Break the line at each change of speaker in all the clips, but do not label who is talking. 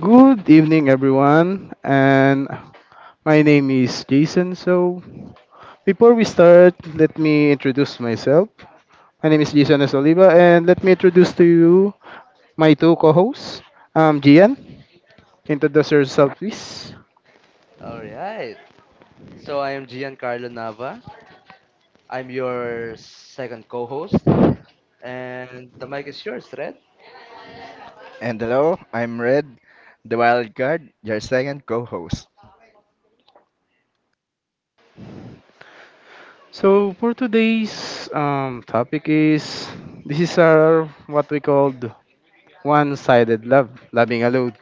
Good evening, everyone, and my name is Jason. So, before we start, let me introduce myself. My name is Jason S. Oliva, and let me introduce to you my two co hosts. Gian, introduce yourself, please.
All right. So I am Giancarlo Nava. I'm your second co-host, and the mic is yours, Red.
And hello, I'm Red, the wild card, your second co-host.
So, for today's topic is this is our what we called one sided love, loving alone.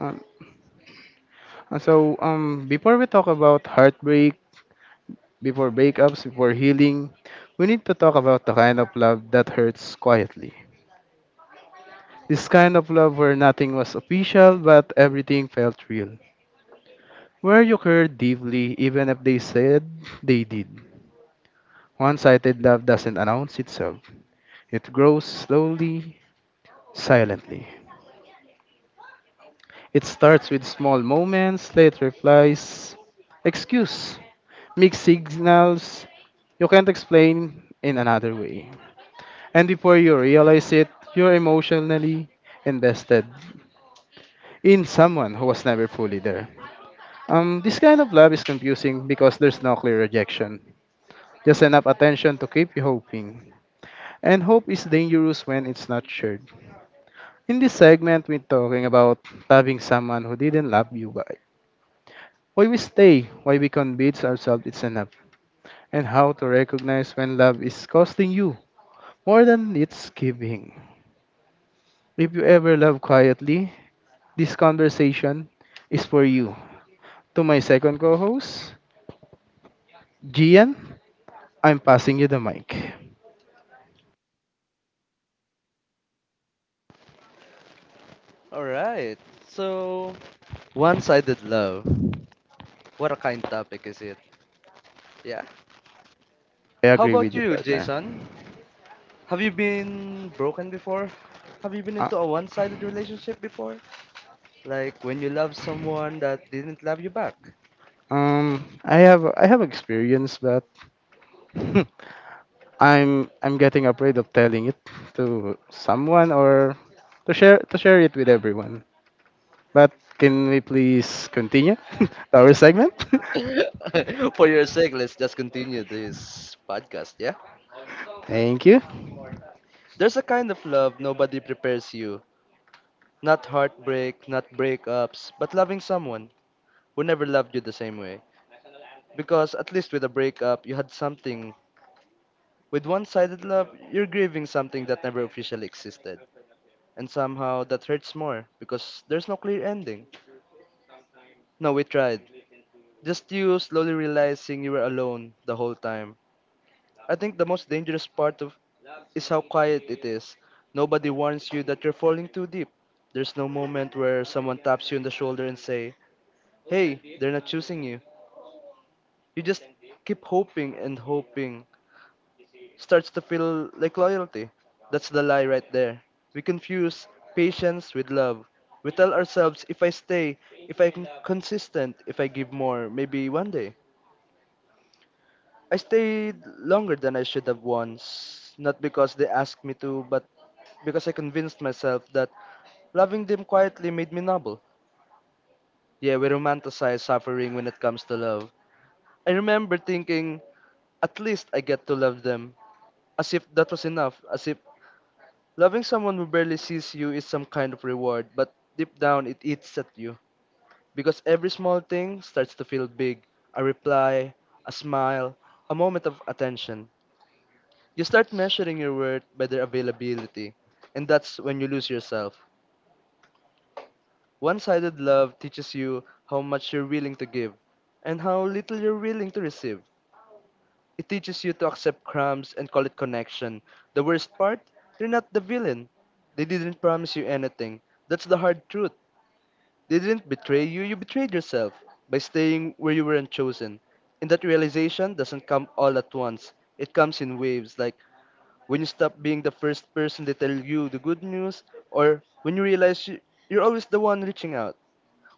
Um, Before we talk about heartbreak, before breakups, before healing, we need to talk about the kind of love that hurts quietly. This kind of love where nothing was official but everything felt real. Where you cared deeply even if they said they did. One sided love doesn't announce itself, it grows slowly, silently. It starts with small moments, late replies, excuse, mixed signals you can't explain in another way. And before you realize it, you're emotionally invested in someone who was never fully there. This kind of love is confusing because there's no clear rejection, just enough attention to keep you hoping. And hope is dangerous when it's not shared. In this segment, we're talking about loving someone who didn't love you back. Why we stay, why we convince ourselves it's enough, and how to recognize when love is costing you more than it's giving. If you ever love quietly, this conversation is for you. To my second co host, Gian, I'm passing you the mic.
All right. So one-sided love. What a kind topic is it? Yeah.
I
How
agree with
about
you,
you,
partner.
Jason? Have you been broken before? Have you been
Uh,
into a one-sided relationship before? Like when you love someone that didn't love you back?
um, I have experience, but I'm getting afraid of telling it to someone or to share it with everyone. But can we please continue our segment?
For your sake, let's just continue this podcast, yeah?
Thank you.
There's a kind of love nobody prepares you. Not heartbreak, not breakups, but loving someone who never loved you the same way. Because at least with a breakup, you had something. With one sided love, you're grieving something that never officially existed. And somehow that hurts more because there's no clear ending. No, we tried. Just you slowly realizing you were alone the whole time. I think the most dangerous part of is how quiet it is. Nobody warns you that you're falling too deep. There's no moment where someone taps you on the shoulder and say, "Hey, they're not choosing you." You just keep hoping and hoping. Starts to feel like loyalty. That's the lie right there. We confuse patience with love. We tell ourselves if I stay, if I'm consistent, if I give more, maybe one day. I stayed longer than I should have once. Not because they asked me to, but because I convinced myself that loving them quietly made me noble. Yeah, we romanticize suffering when it comes to love. I remember thinking, at least I get to love them. As if that was enough, as if loving someone who barely sees you is some kind of reward, but deep down it eats at you. Because every small thing starts to feel big: a reply, a smile, a moment of attention. You start measuring your worth by their availability, and that's when you lose yourself. One sided love teaches you how much you're willing to give and how little you're willing to receive. It teaches you to accept crumbs and call it connection. The worst part? You're not the villain. They didn't promise you anything. That's the hard truth. They didn't betray you, you betrayed yourself by staying where you weren't chosen. And that realization doesn't come all at once. It comes in waves, like when you stop being the first person to tell you the good news, or when you realize you're always the one reaching out,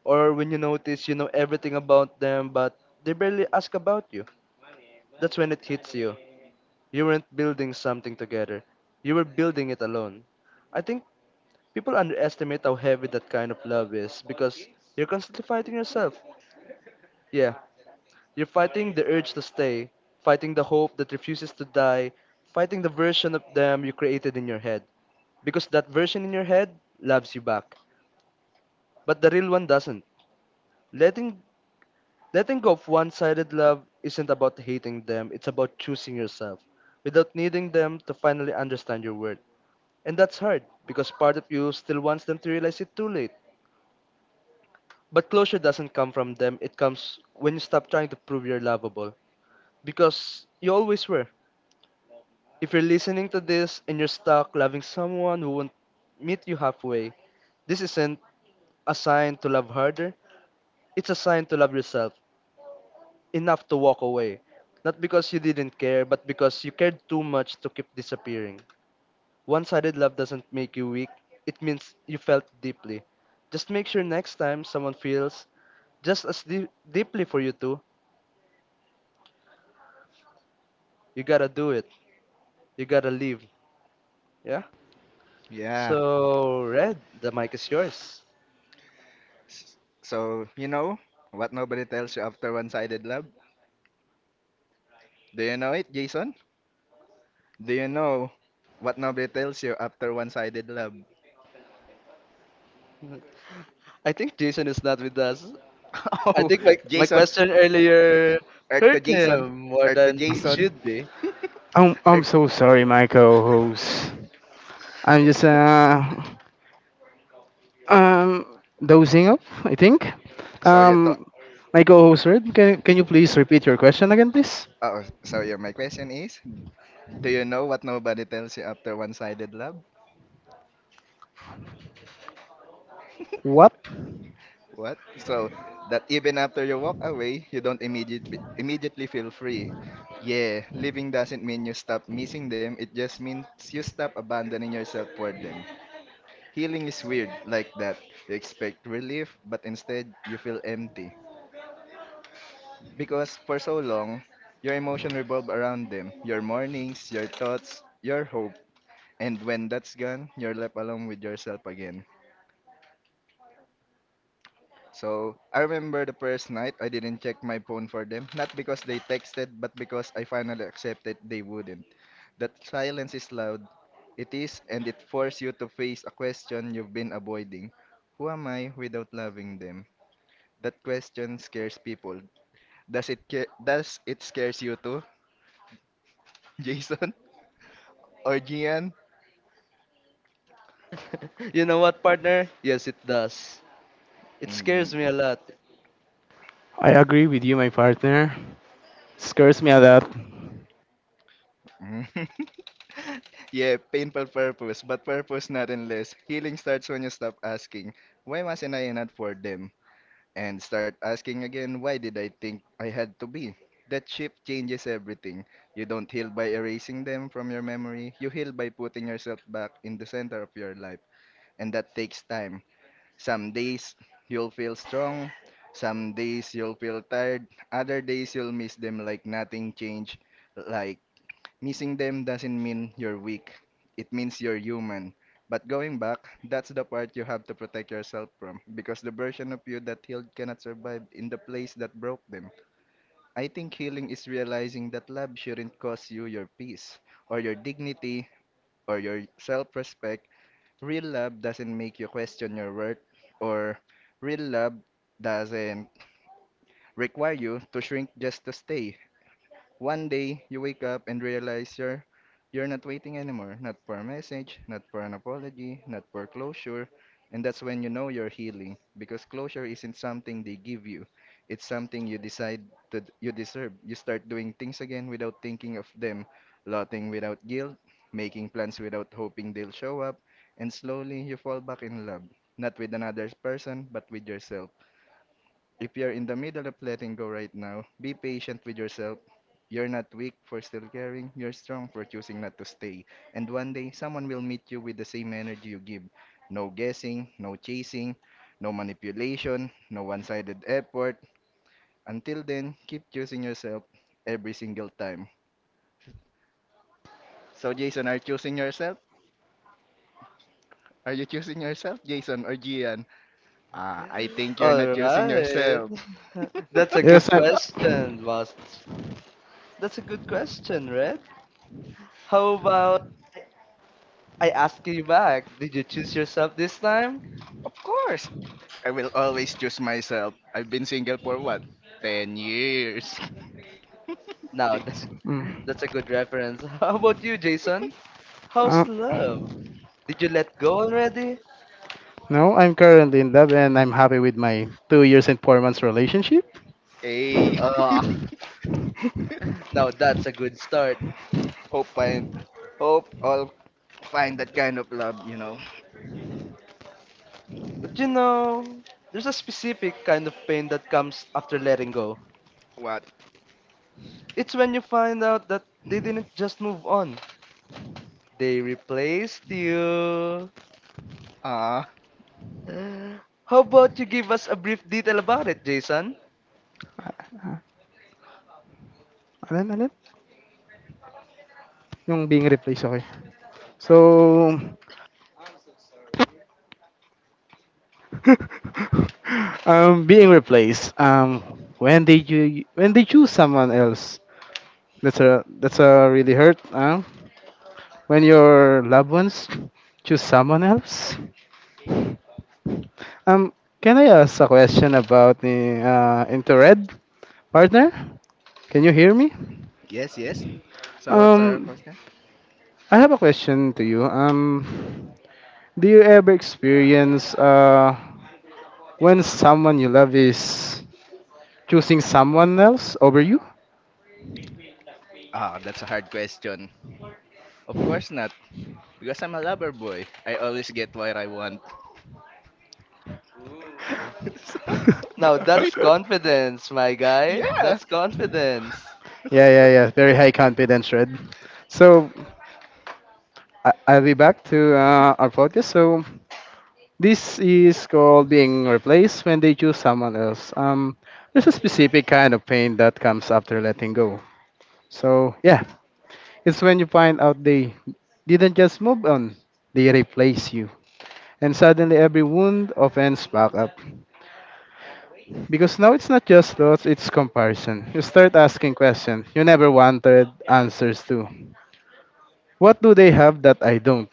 or when you notice you know everything about them but they barely ask about you. That's when it hits you. You weren't building something together. You were building it alone. I think people underestimate how heavy that kind of love is because you're constantly fighting yourself. Yeah, you're fighting the urge to stay, fighting the hope that refuses to die, fighting the version of them you created in your head. Because that version in your head loves you back, but the real one doesn't. Letting letting go of one-sided love isn't about hating them, it's about choosing yourself without needing them to finally understand your worth. And that's hard because part of you still wants them to realize it too late. But closure doesn't come from them, it comes when you stop trying to prove you're lovable. Because you always were. If you're listening to this and you're stuck loving someone who won't meet you halfway, this isn't a sign to love harder, it's a sign to love yourself enough to walk away. Not because you didn't care, but because you cared too much to keep disappearing. One sided love doesn't make you weak, it means you felt deeply. Just make sure next time someone feels just as deeply for you too, you gotta do it. You gotta leave. Yeah?
Yeah.
So, Red, the mic is yours.
So, you know what nobody tells you after one-sided love? Do you know it, Jason? Do you know what nobody tells you after one-sided love?
I think Jason is not with us. I
Oh,
think my
Jason,
question earlier
Earth to
hurt
Jason,
him more
Earth to
than it
Jason,
should be.
I'm I'm
Earth.
so sorry, my co-host. I'm just um dozing off, I think.
So yeah, to,
Um, my co-host, Red, can you please repeat your question again, please?
oh, so yeah, My question is, do you know what nobody tells you after one-sided love?
What?
What? So that even after you walk away, you don't immediately feel free. Yeah, living doesn't mean you stop missing them, it just means you stop abandoning yourself for them. Healing is weird like that. You expect relief, but instead you feel empty. Because for so long, your emotion revolve around them, your mornings, your thoughts, your hope. And when that's gone, you're left alone with yourself again. So I remember the first night I didn't check my phone for them, not because they texted, but because I finally accepted they wouldn't. That silence is loud. It is, and it forces you to face a question you've been avoiding. Who am I without loving them? That question scares people. Does it scares you too, Jason or Gian?
You know what, partner? Yes, it does. It
Mm,
scares me a lot.
I agree with you, my partner. Scares me a lot.
mm. Yeah, painful purpose, but purpose not unless healing starts when you stop asking, why wasn't I enough for them? And start asking again, why did I think I had to be? That shift changes everything. You don't heal by erasing them from your memory, you heal by putting yourself back in the center of your life, and that takes time. Some days you'll feel strong, some days you'll feel tired, other days you'll miss them like nothing changed, like missing them doesn't mean you're weak. It means you're human. But going back, that's the part you have to protect yourself from because the version of you that healed cannot survive in the place that broke them. I think healing is realizing that love shouldn't cost you your peace or your dignity or your self respect. Real love doesn't make you question your worth, or real love doesn't require you to shrink just to stay. One day, you wake up and realize you're not waiting anymore, not for a message, not for an apology, not for closure, and that's when you know you're healing because closure isn't something they give you. It's something you decide that you deserve. You start doing things again without thinking of them, plotting without guilt, making plans without hoping they'll show up, and slowly you fall back in love, not with another person, but with yourself. If you're in the middle of letting go right now, be patient with yourself. You're not weak for still caring, you're strong for choosing not to stay. And one day, someone will meet you with the same energy you give. No guessing, no chasing, no manipulation, no one sided effort. Until then, keep choosing yourself every single time. So, Jason, are you choosing yourself? Are you choosing yourself, Jason or Gian? Ah, I think you're not
All
choosing
right.
yourself.
That's a
Yes,
good
I'm.
question, boss. That's a good question, Red. How about I ask you back? Did you choose yourself this time?
Of course. I will always choose myself. I've been single for what? 10 years.
Now,
Jeez.
Mm.
that's a good reference. How about you, Jason? How's
Um,
love? Did you let go already?
no, I'm currently in love and I'm happy with my 2 years and 4 months relationship.
Hey.
Ah, now that's a good start.
hope find hope I'll find that kind of love, you know.
But you know, there's a specific kind of pain that comes after letting go.
What?
It's when you find out that they didn't just move on, they replaced you.
Ah,
How about you give us a brief detail about it, Jason?
Ah, Alin, alin? Yung being replaced, okay. So, being replaced. When did you when they choose someone else? That's a really hurt. When your loved ones choose someone else. Um, can I ask a question about the interred partner? Can you hear me?
yes, yes. So what's our
Um,
question?
I have a question to you. Do you ever experience when someone you love is choosing someone else over you?
Ah, that's a hard question. Of course not, because I'm a lover boy. I always get what I want. So,
Now
what do
that's
you?
confidence, my guy.
Yeah.
That's confidence.
Yeah, yeah, yeah. Very high confidence, Red. So I'll be back to our podcast. So this is called being replaced when they choose someone else. There's a specific kind of pain that comes after letting go. So yeah, it's when you find out they didn't just move on; they replace you, and suddenly every wound opens back up. Because now it's not just thoughts; it's comparison. You start asking questions you never wanted answers to. What do they have that I don't?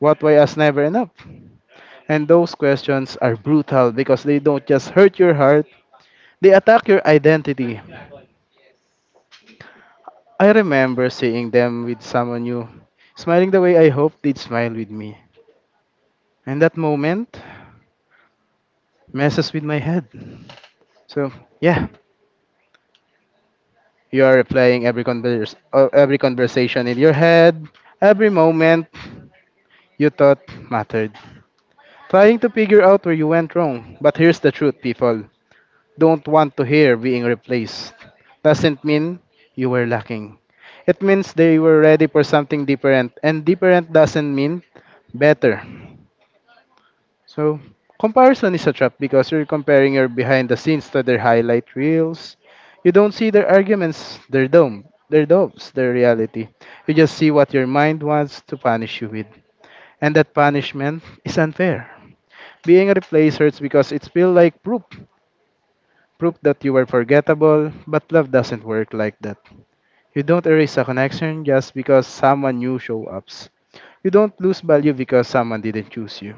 What Why us never enough? And those questions are brutal because they don't just hurt your heart, they attack your identity. I remember seeing them with someone new, smiling the way I hoped they'd smile with me. And that moment messes with my head. So, yeah, you are replaying every every conversation in your head, every moment you thought mattered. Trying to figure out where you went wrong. But here's the truth, people don't want to hear. Being replaced doesn't mean you were lacking. It means they were ready for something different, and different doesn't mean better. So, comparison is a trap because you're comparing your behind the scenes to their highlight reels. You don't see their arguments, their dome, their doves, their reality. You just see what your mind wants to punish you with. And that punishment is unfair. Being replaced hurts because it feels like proof that you were forgettable, but love doesn't work like that. You don't erase a connection just because someone new show ups. You don't lose value because someone didn't choose you.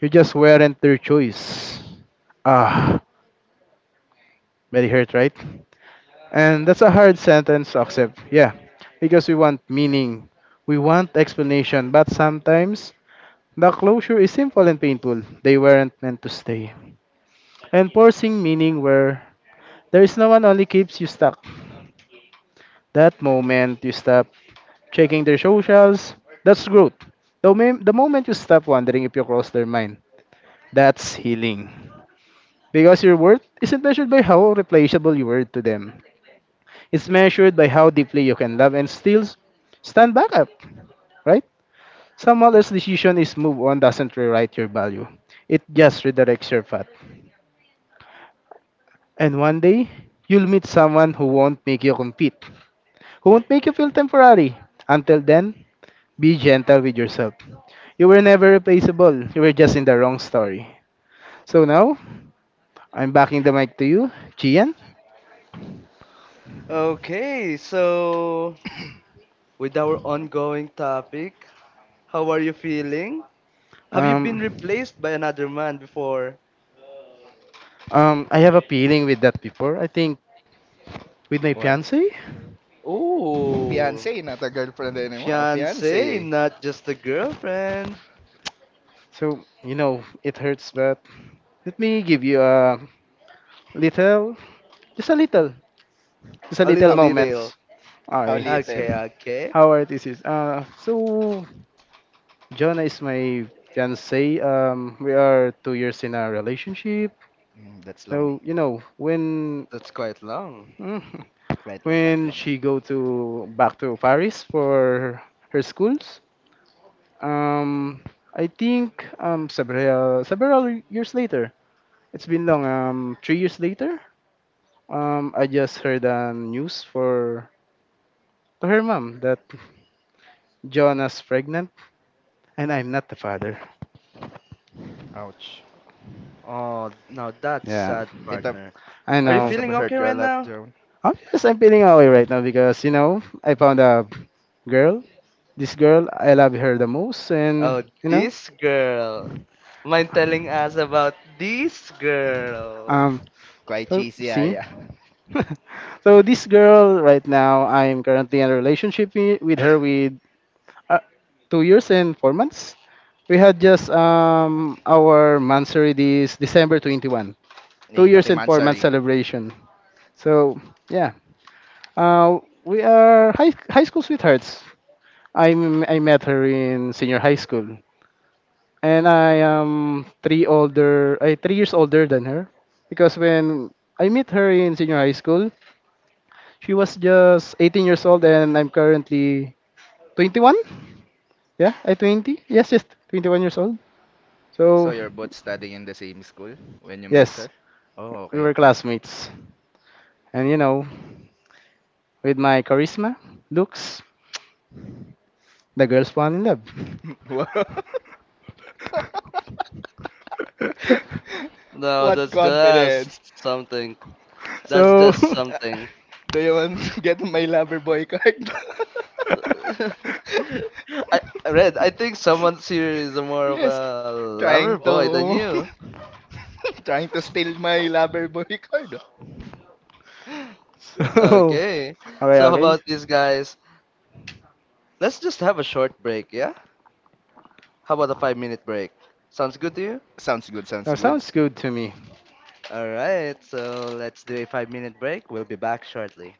You just weren't their choice. Ah, very hurt, right? And that's a hard sentence to accept. Yeah, because we want meaning, we want explanation, but sometimes the closure is simple and painful. They weren't meant to stay. And forcing meaning where there is no one only keeps you stuck. That moment you stop checking their socials, that's growth. The moment you stop wondering if you cross their mind, that's healing. Because your worth isn't measured by how replaceable you were to them. It's measured by how deeply you can love and still stand back up, right? Someone else's decision is move on doesn't rewrite your value. It just redirects your path. And one day, you'll meet someone who won't make you compete, who won't make you feel temporary. Until then, be gentle with yourself. You were never replaceable. You were just in the wrong story. So now, I'm backing the mic to you, Gian.
Okay, so with our ongoing topic, how are you feeling? Have you been
Um,
replaced by another man before?
I have a feeling with that before. I think with my
What?
fiance.
O, o, o
Ooh,
fiancé, not a girlfriend anymore. A fiancé
fiance,
eh.
not just a girlfriend.
So you know, it hurts, but let me give you a little, just a little, just a
A
little
little
How,
detail.
moments.
how
I. So,
little?
Okay, okay.
how are this is? So Jonah is my fiance. We are 2 years in a relationship.
Mm, that's long.
So you know when
That's quite long.
mm,
Quite long, quite
when
long.
she go to back to Paris for her schools, um, I think several years later. It's been long. 3 years later. I just heard a news for to her mom that Joanna's pregnant and I'm not the father.
Ouch.
Oh, now that's
Yeah,
sad,
It,
partner.
I
Are
it
you
know.
must have
feeling okay
hurt you a
right
lot,
now?
Joan.
I'm just I'm feeling away right now because you know I found a girl. This girl, I love her the most, and
Oh,
you know.
this girl. Mind telling us about this girl?
Um,
Quite
so
cheesy, ah,
see,
yeah.
so this girl right now, I'm currently in a relationship with her with uh, 2 years and 4 months. We had just our monthsary this December 21, two
Hey,
years
happy
and 4 months
Mansari.
celebration. So yeah, uh, we are high school sweethearts. I I met her in senior high school, and I am 3 years older than her, because when I met her in senior high school, she was just 18 years old, and I'm currently 21. Yeah, I 20. Yes, yes, 21 years old.
So
So
you're both studying in the same school when you met
yes,
her? Oh,
we
okay,
were
okay.
classmates, and you know, with my charisma, looks, the girls fall in love.
Wow.
No,
What
that's just
confidence.
something. That's
So.
just something.
Do you want to get my lover boy card?
I, Red, I think someone here is more of
Yes,
a lover
trying
boy than
to
you.
trying to steal my lover boy card.
So.
Okay.
Okay,
So how
okay.
about this guys? Let's just have a short break, yeah? How about a 5-minute break? Sounds good to you?
Sounds good, sounds
That
good.
sounds good to me.
Alright, so let's do a 5-minute break. We'll be back shortly.